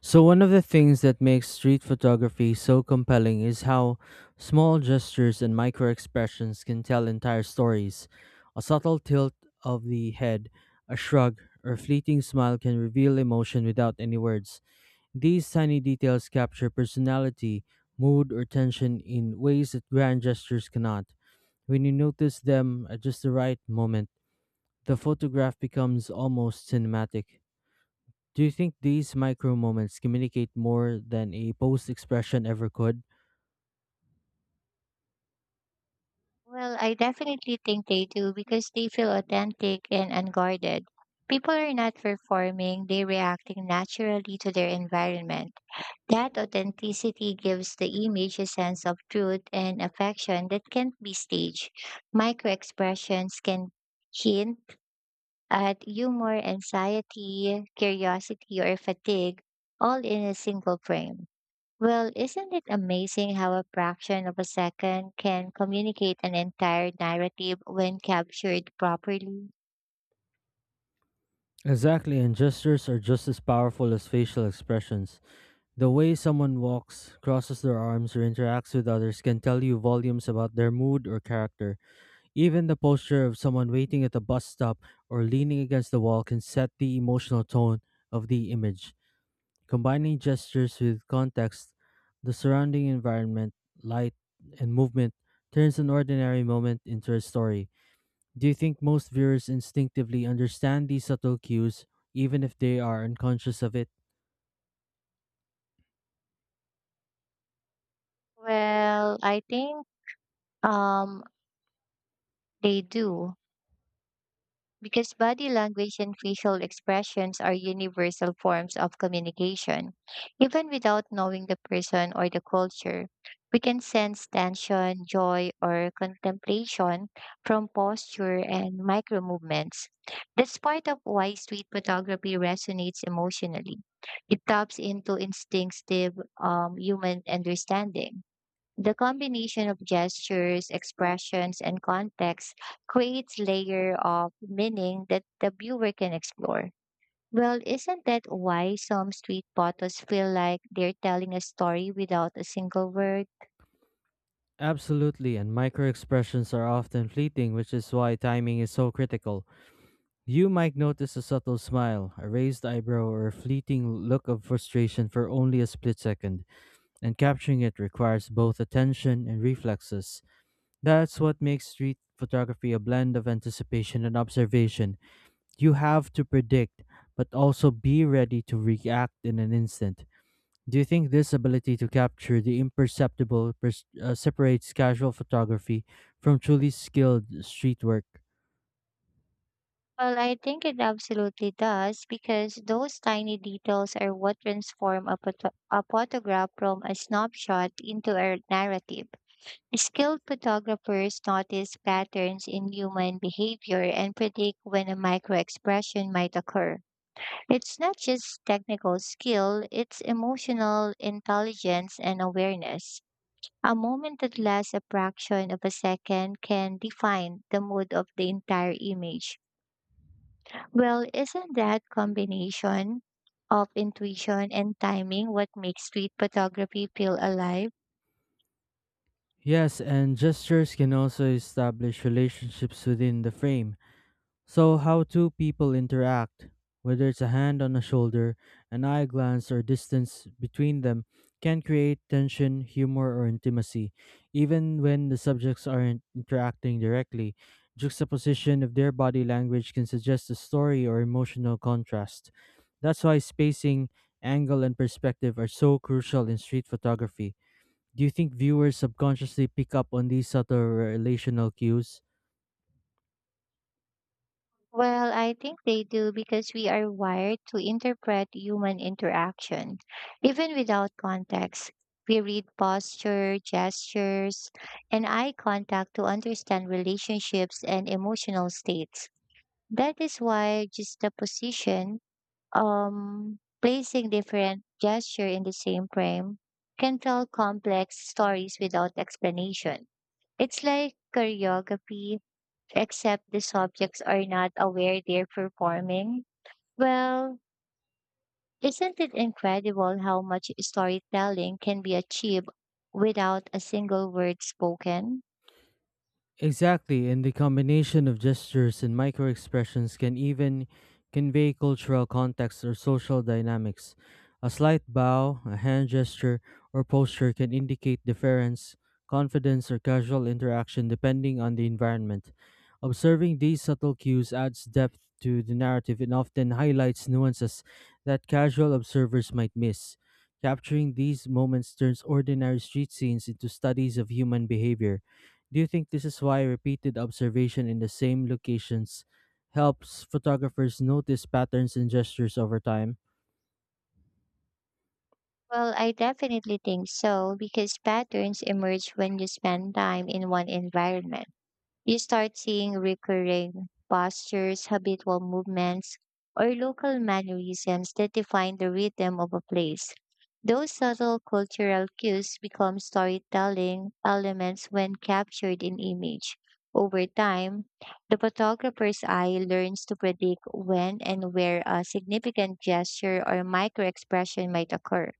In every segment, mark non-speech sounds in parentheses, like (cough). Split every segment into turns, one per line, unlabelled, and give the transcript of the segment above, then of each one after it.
So, one of the things that makes street photography so compelling is how small gestures and micro expressions can tell entire stories. A subtle tilt of the head, a shrug, or fleeting smile can reveal emotion without any words. These tiny details capture personality, mood, or tension in ways that grand gestures cannot. When you notice them at just the right moment, the photograph becomes almost cinematic. Do you think these micro moments communicate more than a post expression ever could?
Well, I definitely think they do because they feel authentic and unguarded. People are not performing, they're reacting naturally to their environment. That authenticity gives the image a sense of truth and affection that can't be staged. Micro expressions can hint at humor, anxiety, curiosity, or fatigue, all in a single frame. Well, isn't it amazing how a fraction of a second can communicate an entire narrative when captured properly?
Exactly, and gestures are just as powerful as facial expressions. The way someone walks, crosses their arms, or interacts with others can tell you volumes about their mood or character. Even the posture of someone waiting at a bus stop or leaning against the wall can set the emotional tone of the image. Combining gestures with context, the surrounding environment, light, and movement turns an ordinary moment into a story. Do you think most viewers instinctively understand these subtle cues, even if they are unconscious of it?
Well, I think um they do. Because body language and facial expressions are universal forms of communication. Even without knowing the person or the culture, we can sense tension, joy, or contemplation from posture and micro movements. That's part of why street photography resonates emotionally. It taps into instinctive human understanding. The combination of gestures, expressions, and context creates layer of meaning that the viewer can explore. Well, isn't that why some street photos feel like they're telling a story without a single word?
Absolutely, and micro expressions are often fleeting, which is why timing is so critical. You might notice a subtle smile, a raised eyebrow, or a fleeting look of frustration for only a split second, and capturing it requires both attention and reflexes. That's what makes street photography a blend of anticipation and observation. You have to predict, but also be ready to react in an instant. Do you think this ability to capture the imperceptible separates casual photography from truly skilled street work?
Well, I think it absolutely does because those tiny details are what transform a photograph from a snapshot into a narrative. Skilled photographers notice patterns in human behavior and predict when a microexpression might occur. It's not just technical skill, it's emotional intelligence and awareness. A moment that lasts a fraction of a second can define the mood of the entire image. Well, isn't that combination of intuition and timing what makes street photography feel alive?
Yes, and gestures can also establish relationships within the frame. So, how two people interact, whether it's a hand on a shoulder, an eye glance, or distance between them, can create tension, humor, or intimacy, even when the subjects aren't interacting directly. Juxtaposition of their body language can suggest a story or emotional contrast. That's why spacing, angle, and perspective are so crucial in street photography. Do you think viewers subconsciously pick up on these subtle relational cues?
Well, I think they do because we are wired to interpret human interaction. Even without context, we read posture, gestures, and eye contact to understand relationships and emotional states. That is why just the position, placing different gesture in the same frame can tell complex stories without explanation. It's like choreography except the subjects are not aware they're performing. Well, isn't it incredible how much storytelling can be achieved without a single word spoken?
Exactly, and the combination of gestures and microexpressions can even convey cultural context or social dynamics. A slight bow, a hand gesture, or posture can indicate deference, confidence, or casual interaction depending on the environment. Observing these subtle cues adds depth to the narrative and often highlights nuances that casual observers might miss. Capturing these moments turns ordinary street scenes into studies of human behavior. Do you think this is why repeated observation in the same locations helps photographers notice patterns and gestures over time?
Well, I definitely think so because patterns emerge when you spend time in one environment. You start seeing recurring postures, habitual movements, or local mannerisms that define the rhythm of a place. Those subtle cultural cues become storytelling elements when captured in image. Over time, the photographer's eye learns to predict when and where a significant gesture or microexpression might occur.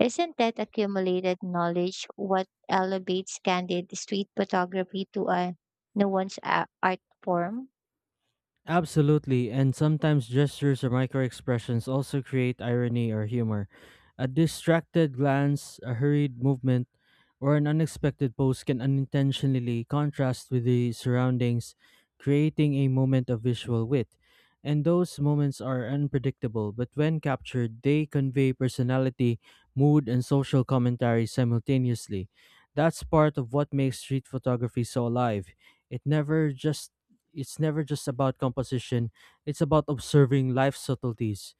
Isn't that accumulated knowledge what elevates candid street photography to a nuanced art form?
Absolutely, and sometimes gestures or microexpressions also create irony or humor. A distracted glance, a hurried movement, or an unexpected pose can unintentionally contrast with the surroundings, creating a moment of visual wit. And those moments are unpredictable, but when captured, they convey personality, mood, and social commentary simultaneously. That's part of what makes street photography so alive. It never just it's never just about composition, it's about observing life's subtleties.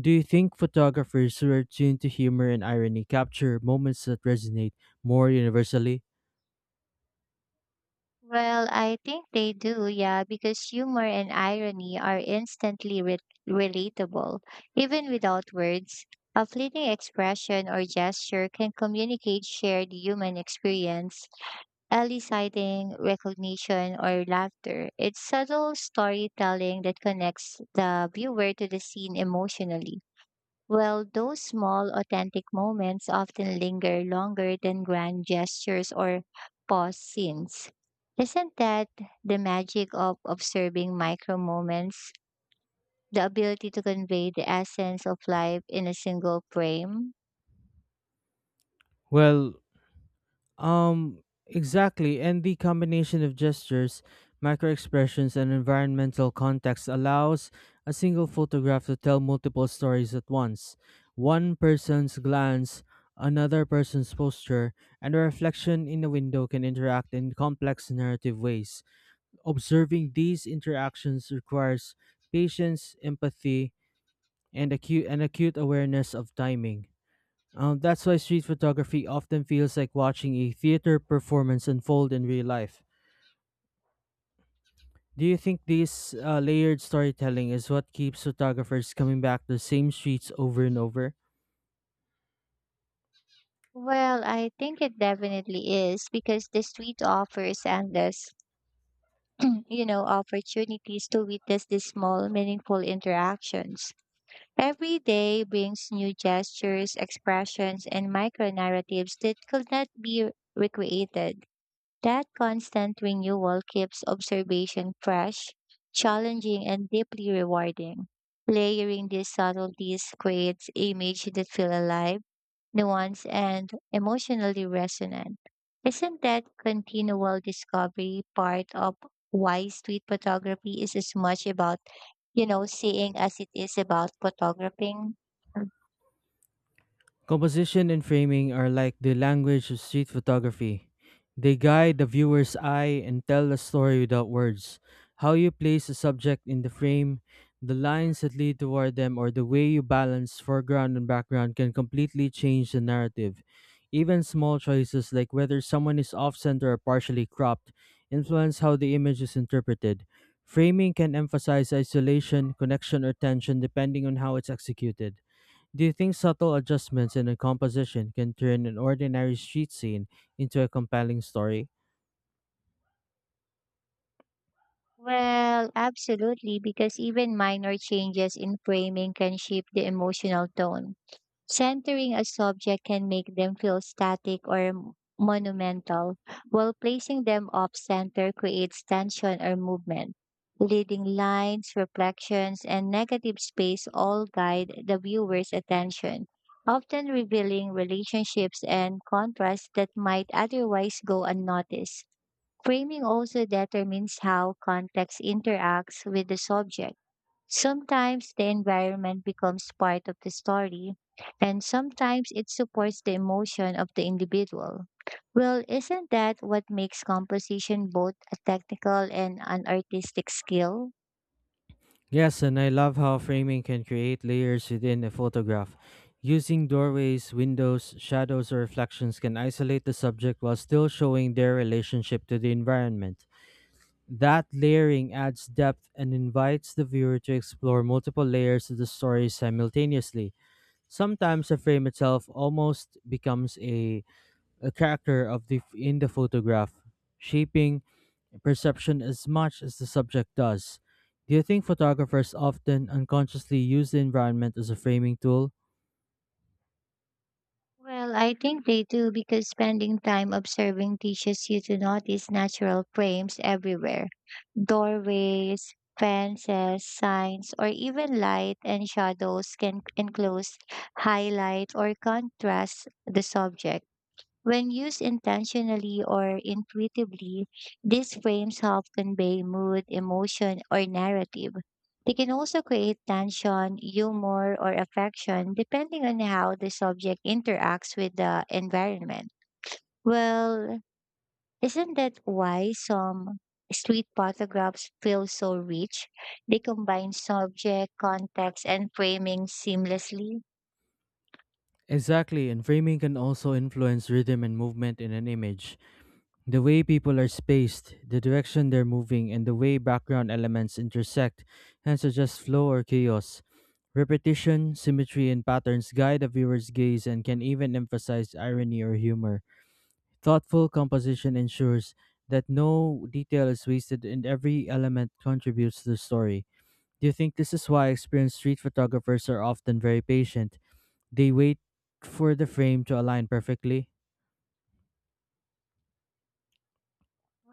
Do you think photographers who are tuned to humor and irony capture moments that resonate more universally?
Well, I think they do, yeah, because humor and irony are instantly relatable. Even without words, a fleeting expression or gesture can communicate shared human experience, eliciting recognition or laughter. It's subtle storytelling that connects the viewer to the scene emotionally. Well, those small, authentic moments often linger longer than grand gestures or pause scenes. Isn't that the magic of observing micro moments? The ability to convey the essence of life in a single frame?
Well, exactly. And the combination of gestures, microexpressions, and environmental context allows a single photograph to tell multiple stories at once. One person's glance, another person's posture, and a reflection in a window can interact in complex narrative ways. Observing these interactions requires patience, empathy, and acute awareness of timing. That's why street photography often feels like watching a theater performance unfold in real life. Do you think this layered storytelling is what keeps photographers coming back to the same streets over and over?
Well, I think it definitely is because the street offers endless, (clears throat) opportunities to witness these small, meaningful interactions. Every day brings new gestures, expressions, and micro narratives that could not be recreated. That constant renewal keeps observation fresh, challenging, and deeply rewarding. Layering these subtleties creates images that feel alive nuanced, and emotionally resonant. Isn't that continual discovery part of why street photography is as much about, seeing as it is about photographing?
Composition and framing are like the language of street photography. They guide the viewer's eye and tell the story without words. How you place a subject in the frame, the lines that lead toward them, or the way you balance foreground and background can completely change the narrative. Even small choices like whether someone is off center or partially cropped influence how the image is interpreted. Framing can emphasize isolation, connection, or tension depending on how it's executed. Do you think subtle adjustments in a composition can turn an ordinary street scene into a compelling story?
Well, absolutely, because even minor changes in framing can shape the emotional tone. Centering a subject can make them feel static or monumental, while placing them off center creates tension or movement. Leading lines, reflections, and negative space all guide the viewer's attention, often revealing relationships and contrasts that might otherwise go unnoticed. Framing also determines how context interacts with the subject. Sometimes the environment becomes part of the story, and sometimes it supports the emotion of the individual. Well, isn't that what makes composition both a technical and an artistic skill?
Yes, and I love how framing can create layers within a photograph. Using doorways, windows, shadows, or reflections can isolate the subject while still showing their relationship to the environment. That layering adds depth and invites the viewer to explore multiple layers of the story simultaneously. Sometimes the frame itself almost becomes a character of the in the photograph, shaping perception as much as the subject does. Do you think photographers often unconsciously use the environment as a framing tool?
Well, I think they do because spending time observing teaches you to notice natural frames everywhere: doorways, fences, signs, or even light and shadows can enclose, highlight, or contrast the subject. When used intentionally or intuitively, these frames help convey mood, emotion, or narrative. They can also create tension, humor, or affection depending on how the subject interacts with the environment. Well, isn't that why some street photographs feel so rich? They combine subject, context, and framing seamlessly.
Exactly, and framing can also influence rhythm and movement in an image. The way people are spaced, the direction they're moving, and the way background elements intersect can suggest flow or chaos. Repetition, symmetry, and patterns guide a viewer's gaze and can even emphasize irony or humor. Thoughtful composition ensures that no detail is wasted and every element contributes to the story. Do you think this is why experienced street photographers are often very patient? They wait for the frame to align perfectly?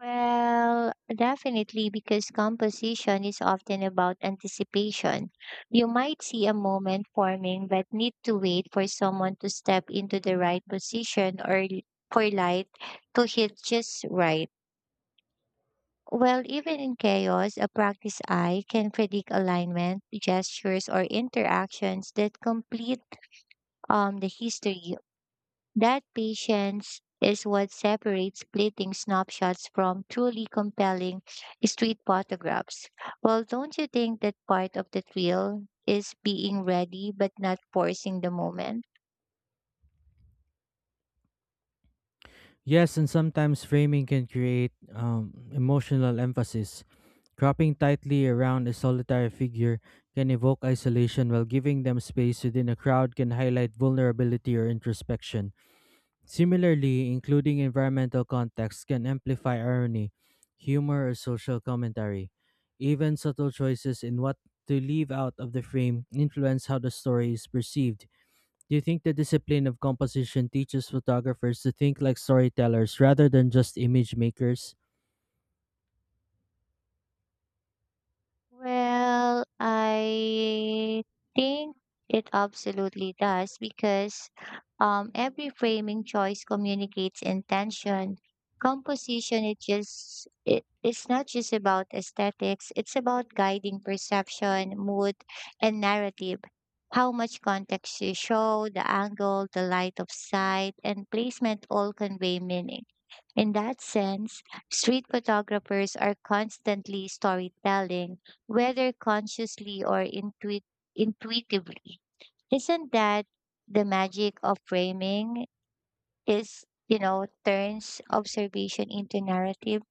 Well, definitely, because composition is often about anticipation. You might see a moment forming, but need to wait for someone to step into the right position for light to hit just right. Well, even in chaos, a practice eye can predict alignment, gestures, or interactions that complete the history that patience is what separates fleeting snapshots from truly compelling street photographs. Well, don't you think that part of the thrill is being ready but not forcing the moment?
Yes, and sometimes framing can create emotional emphasis. Cropping tightly around a solitary figure can evoke isolation, while giving them space within a crowd can highlight vulnerability or introspection. Similarly, including environmental context can amplify irony, humor, or social commentary. Even subtle choices in what to leave out of the frame influence how the story is perceived. Do you think the discipline of composition teaches photographers to think like storytellers rather than just image makers?
Well, I think it absolutely does because every framing choice communicates intention. Composition, it's not just about aesthetics, it's about guiding perception, mood, and narrative. How much context you show, the angle, the light of sight, and placement all convey meaning. In that sense, street photographers are constantly storytelling, whether consciously or intuitively. Isn't that the magic of framing? Is, turns observation into narrative?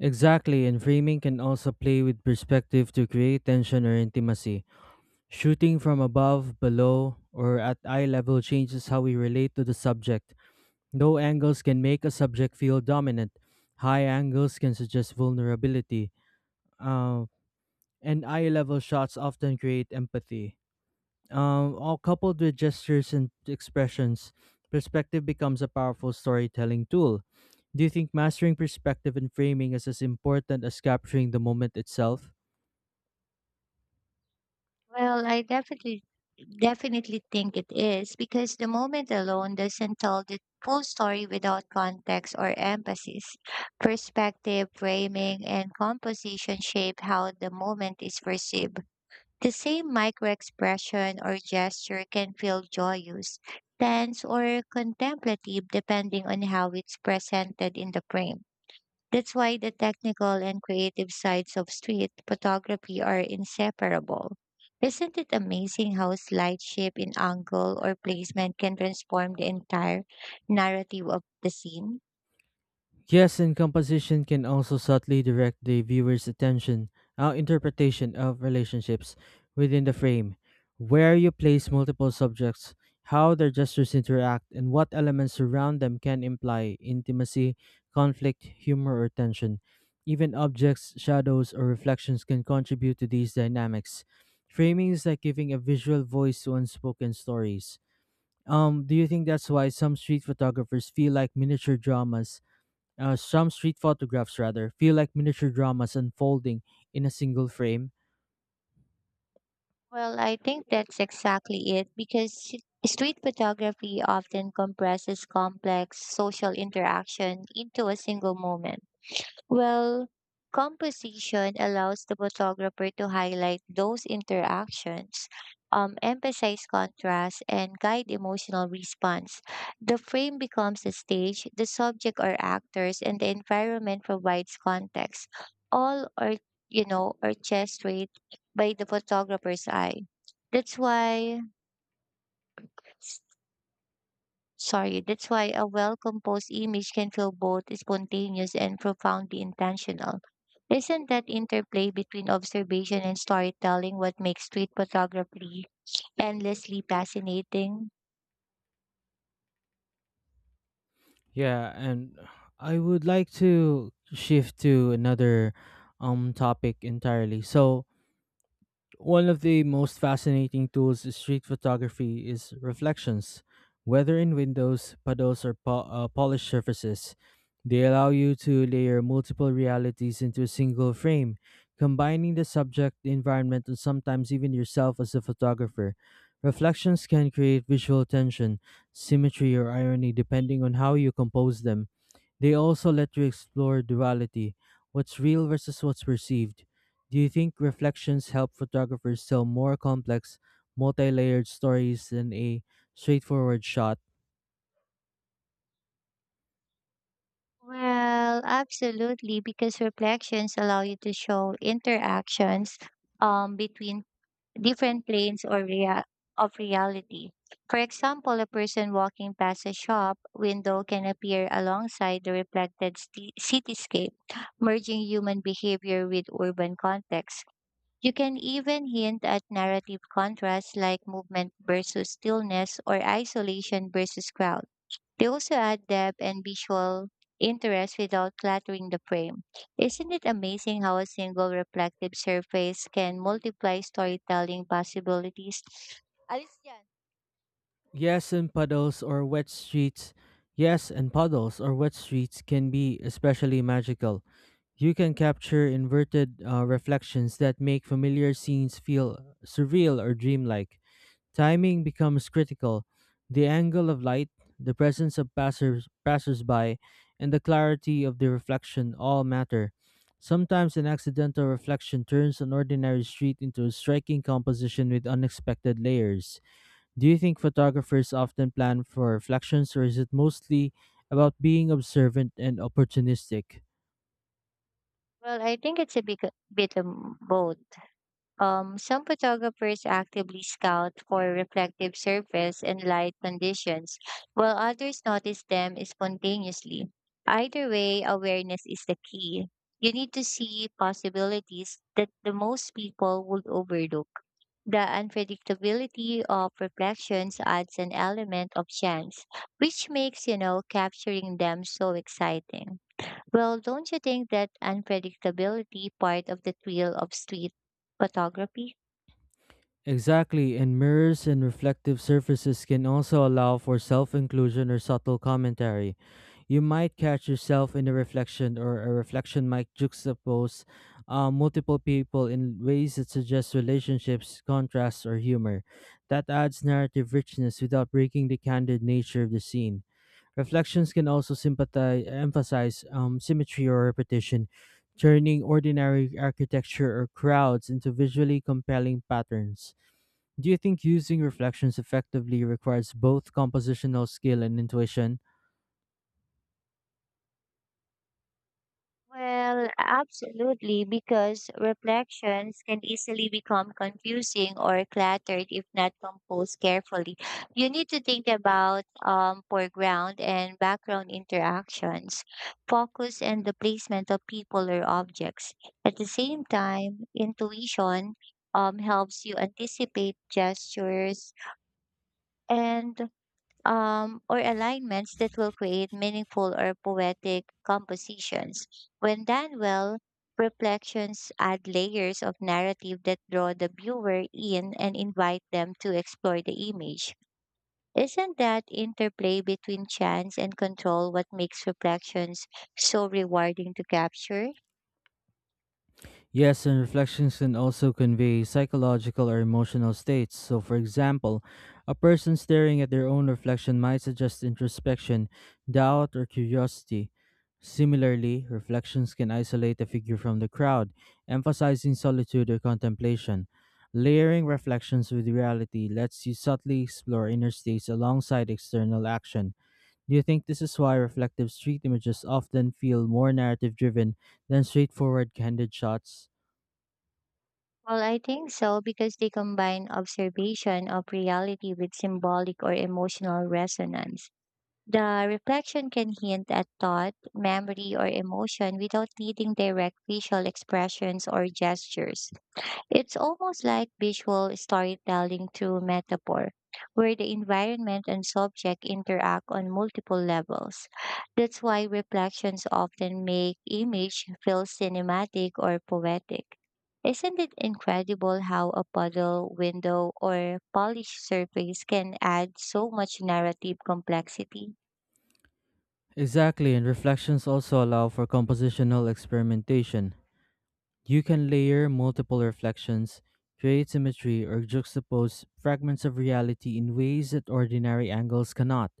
Exactly, and framing can also play with perspective to create tension or intimacy. Shooting from above, below, or at eye level changes how we relate to the subject. Low angles can make a subject feel dominant. High angles can suggest vulnerability. Uh, and eye level shots often create empathy. All coupled with gestures and expressions, perspective becomes a powerful storytelling tool. Do you think mastering perspective and framing is as important as capturing the moment itself?
Well, I definitely think it is because the moment alone doesn't tell the full story without context or emphasis. Perspective, framing, and composition shape how the moment is perceived. The same microexpression or gesture can feel joyous, tense, or contemplative depending on how it's presented in the frame. That's why the technical and creative sides of street photography are inseparable. Isn't it amazing how a slight shape in angle or placement can transform the entire narrative of the scene?
Yes, and composition can also subtly direct the viewer's attention, our interpretation of relationships within the frame, where you place multiple subjects, how their gestures interact, and what elements surround them can imply intimacy, conflict, humor, or tension. Even objects, shadows, or reflections can contribute to these dynamics. Framing is like giving a visual voice to unspoken stories. Do you think that's why some street photographs, rather, feel like miniature dramas unfolding in a single frame?
Well, I think that's exactly it because street photography often compresses complex social interaction into a single moment. Well, composition allows the photographer to highlight those interactions, emphasize contrast, and guide emotional response. The frame becomes a stage, the subject are actors, and the environment provides context. All are, orchestrated by the photographer's eye. That's why that's why a well composed image can feel both spontaneous and profoundly intentional. Isn't that interplay between observation and storytelling what makes street photography endlessly fascinating?
Yeah, and I would like to shift to another topic entirely. So, one of the most fascinating tools in street photography is reflections. Whether in windows, puddles, or polished surfaces, they allow you to layer multiple realities into a single frame, combining the subject, the environment, and sometimes even yourself as a photographer. Reflections can create visual tension, symmetry, or irony depending on how you compose them. They also let you explore duality, what's real versus what's perceived. Do you think reflections help photographers tell more complex, multi layered stories than a straightforward shot?
Well, absolutely, because reflections allow you to show interactions between different planes or of reality. For example, a person walking past a shop window can appear alongside the reflected cityscape, merging human behavior with urban context. You can even hint at narrative contrasts like movement versus stillness or isolation versus crowd. They also add depth and visual interest without cluttering the frame. Isn't it amazing how a single reflective surface can multiply storytelling possibilities? Alice Jan.
Yes, and puddles or wet streets. Yes, and puddles or wet streets can be especially magical. You can capture inverted reflections that make familiar scenes feel surreal or dreamlike. Timing becomes critical. The angle of light, the presence of passersby, and the clarity of the reflection all matter. Sometimes an accidental reflection turns an ordinary street into a striking composition with unexpected layers. Do you think photographers often plan for reflections, or is it mostly about being observant and opportunistic?
Well, I think it's a bit of both. Some photographers actively scout for reflective surface and light conditions, while others notice them spontaneously. Either way, awareness is the key. You need to see possibilities that the most people would overlook. The unpredictability of reflections adds an element of chance, which makes, capturing them so exciting. Well, don't you think that unpredictability part of the thrill of street photography?
Exactly, and mirrors and reflective surfaces can also allow for self inclusion or subtle commentary. You might catch yourself in a reflection, or a reflection might juxtapose multiple people in ways that suggest relationships, contrasts, or humor. That adds narrative richness without breaking the candid nature of the scene. Reflections can also emphasize symmetry or repetition, turning ordinary architecture or crowds into visually compelling patterns. Do you think using reflections effectively requires both compositional skill and intuition?
Well, absolutely, because reflections can easily become confusing or cluttered if not composed carefully. You need to think about foreground and background interactions, focus and the placement of people or objects. At the same time, intuition helps you anticipate gestures and or alignments that will create meaningful or poetic compositions. When done well, reflections add layers of narrative that draw the viewer in and invite them to explore the image. Isn't that interplay between chance and control what makes reflections so rewarding to capture?
Yes, and reflections can also convey psychological or emotional states. So, for example, a person staring at their own reflection might suggest introspection, doubt, or curiosity. Similarly, reflections can isolate a figure from the crowd, emphasizing solitude or contemplation. Layering reflections with reality lets you subtly explore inner states alongside external action. Do you think this is why reflective street images often feel more narrative driven than straightforward candid shots?
Well, I think so because they combine observation of reality with symbolic or emotional resonance. The reflection can hint at thought, memory, or emotion without needing direct visual expressions or gestures. It's almost like visual storytelling through metaphor, where the environment and subject interact on multiple levels. That's why reflections often make image feel cinematic or poetic. Isn't it incredible how a puddle, window, or polished surface can add so much narrative complexity?
Exactly, and reflections also allow for compositional experimentation. You can layer multiple reflections, create symmetry, or juxtapose fragments of reality in ways that ordinary angles cannot.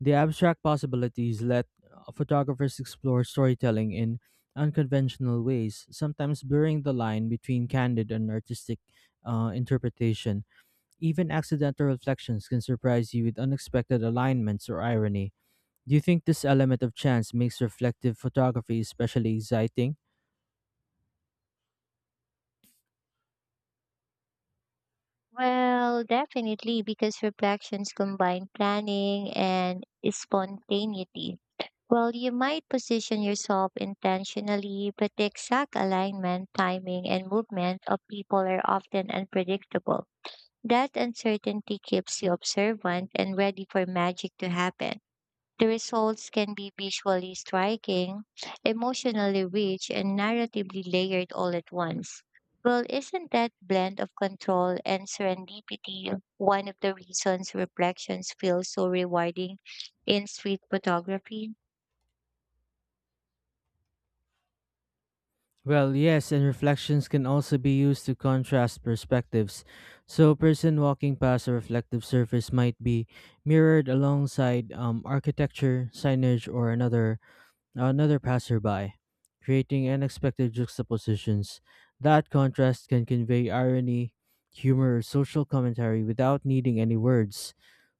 The abstract possibilities let photographers explore storytelling in unconventional ways, sometimes blurring the line between candid and artistic interpretation. Even accidental reflections can surprise you with unexpected alignments or irony. Do you think this element of chance makes reflective photography especially exciting?
Well, definitely, because reflections combine planning and spontaneity. Well, you might position yourself intentionally, but the exact alignment, timing, and movement of people are often unpredictable. That uncertainty keeps you observant and ready for magic to happen. The results can be visually striking, emotionally rich, and narratively layered all at once. Well, isn't that blend of control and serendipity one of the reasons reflections feel so rewarding in street photography?
Well, yes, and reflections can also be used to contrast perspectives. So, a person walking past a reflective surface might be mirrored alongside architecture, signage, or another passerby, creating unexpected juxtapositions. That contrast can convey irony, humor, or social commentary without needing any words.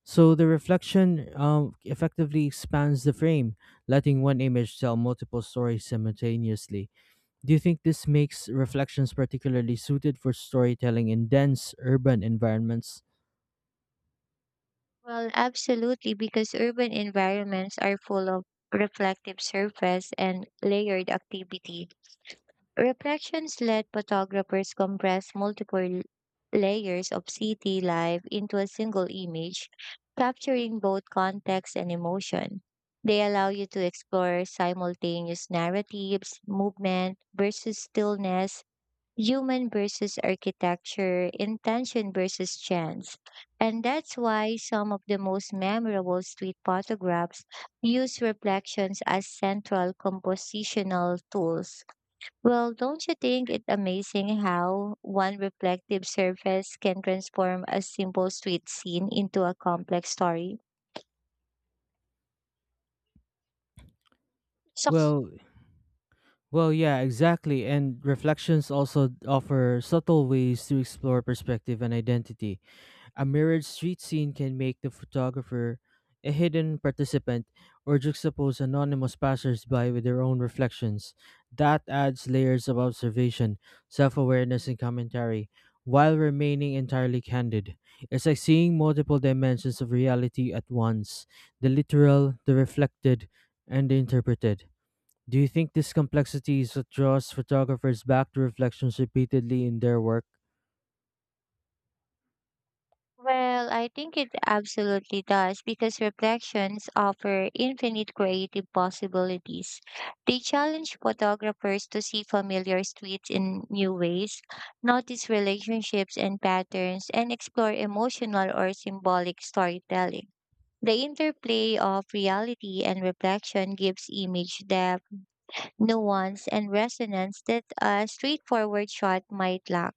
So the reflection effectively expands the frame, letting one image tell multiple stories simultaneously. Do you think this makes reflections particularly suited for storytelling in dense urban environments?
Well, absolutely, because urban environments are full of reflective surface and layered activity. Reflections let photographers compress multiple layers of city life into a single image, capturing both context and emotion. They allow you to explore simultaneous narratives, movement versus stillness, human versus architecture, intention versus chance. And that's why some of the most memorable street photographs use reflections as central compositional tools. Well, don't you think it amazing how one reflective surface can transform a simple street scene into a complex story? So,
Well, Well, yeah, exactly. And reflections also offer subtle ways to explore perspective and identity. A mirrored street scene can make the photographer a hidden participant or juxtapose anonymous passersby with their own reflections. That adds layers of observation, self awareness, and commentary while remaining entirely candid. It's like seeing multiple dimensions of reality at once, the literal, the reflected, and the interpreted. Do you think this complexity is what draws photographers back to reflections repeatedly in their work?
well, I think it absolutely does because reflections offer infinite creative possibilities. They challenge photographers to see familiar streets in new ways, notice relationships and patterns, and explore emotional or symbolic storytelling. The interplay of reality and reflection gives image depth, nuance, and resonance that a straightforward shot might lack.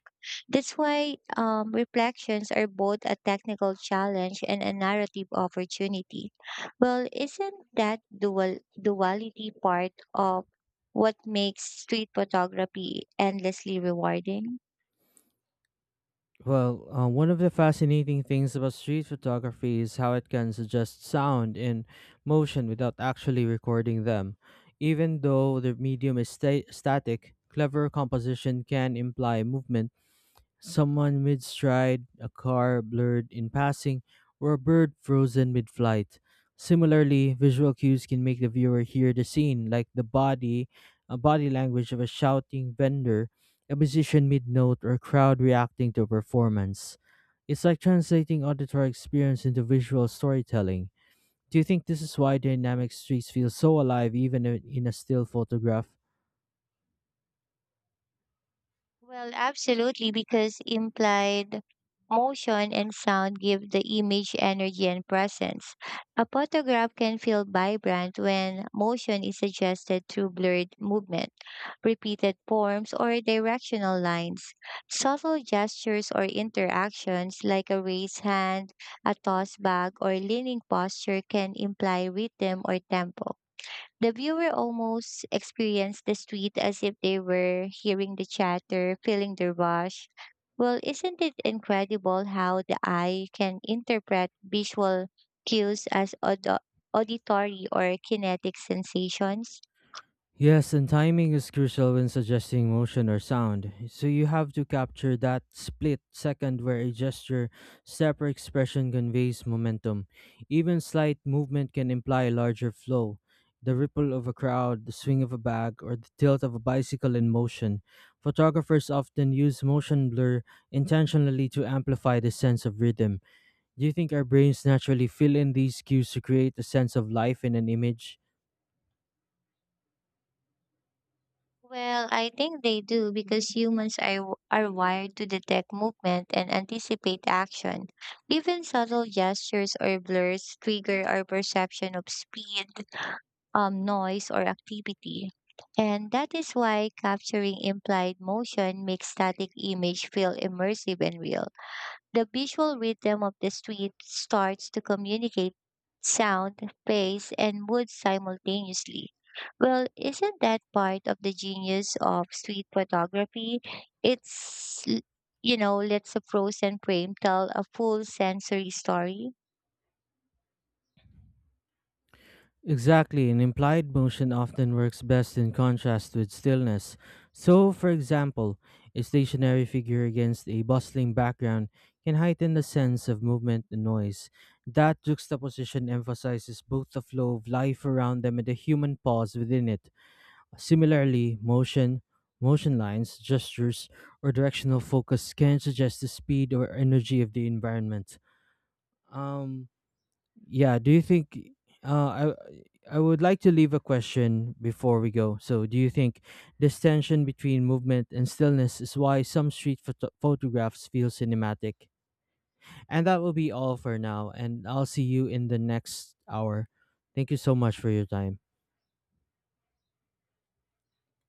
That's why reflections are both a technical challenge and a narrative opportunity. Well, isn't that dual duality part of what makes street photography endlessly rewarding?
Well, one of the fascinating things about street photography is how it can suggest sound and motion without actually recording them. Even though the medium is static, clever composition can imply movement. Someone mid stride, a car blurred in passing, or a bird frozen mid flight. Similarly, visual cues can make the viewer hear the scene, like a body language of a shouting vendor, a musician mid note, or a crowd reacting to a performance. It's like translating auditory experience into visual storytelling. Do you think this is why dynamic streets feel so alive even in a still photograph?
Well, absolutely, because implied motion and sound give the image energy and presence. A photograph can feel vibrant when motion is suggested through blurred movement, repeated forms, or directional lines. Subtle gestures or interactions like a raised hand, a tossed bag, or leaning posture can imply rhythm or tempo. The viewer almost experienced the street as if they were hearing the chatter, feeling the rush. Well, isn't it incredible how the eye can interpret visual cues as auditory or kinetic sensations?
Yes, and timing is crucial when suggesting motion or sound. So you have to capture that split second where a gesture, step, or expression conveys momentum. Even slight movement can imply a larger flow. The ripple of a crowd, the swing of a bag, or the tilt of a bicycle in motion. Photographers often use motion blur intentionally to amplify the sense of rhythm. Do you think our brains naturally fill in these cues to create a sense of life in an image?
Well, I think they do because humans are wired to detect movement and anticipate action. Even subtle gestures or blurs trigger our perception of speed, noise or activity. And that is why capturing implied motion makes static image feel immersive and real. The visual rhythm of the street starts to communicate sound, pace, and mood simultaneously. Well, isn't that part of the genius of street photography? It's, l- you know, Lets a frozen frame tell a full sensory story.
Exactly, an implied motion often works best in contrast with stillness. So, for example, a stationary figure against a bustling background can heighten the sense of movement and noise. That juxtaposition emphasizes both the flow of life around them and the human pause within it. Similarly, motion lines, gestures, or directional focus can suggest the speed or energy of the environment. Um, yeah, do you think uh I I would like to leave a question before we go. So, do you think this tension between movement and stillness is why some photographs feel cinematic? And that will be all for now, and I'll see you in the next hour. Thank you so much for your time.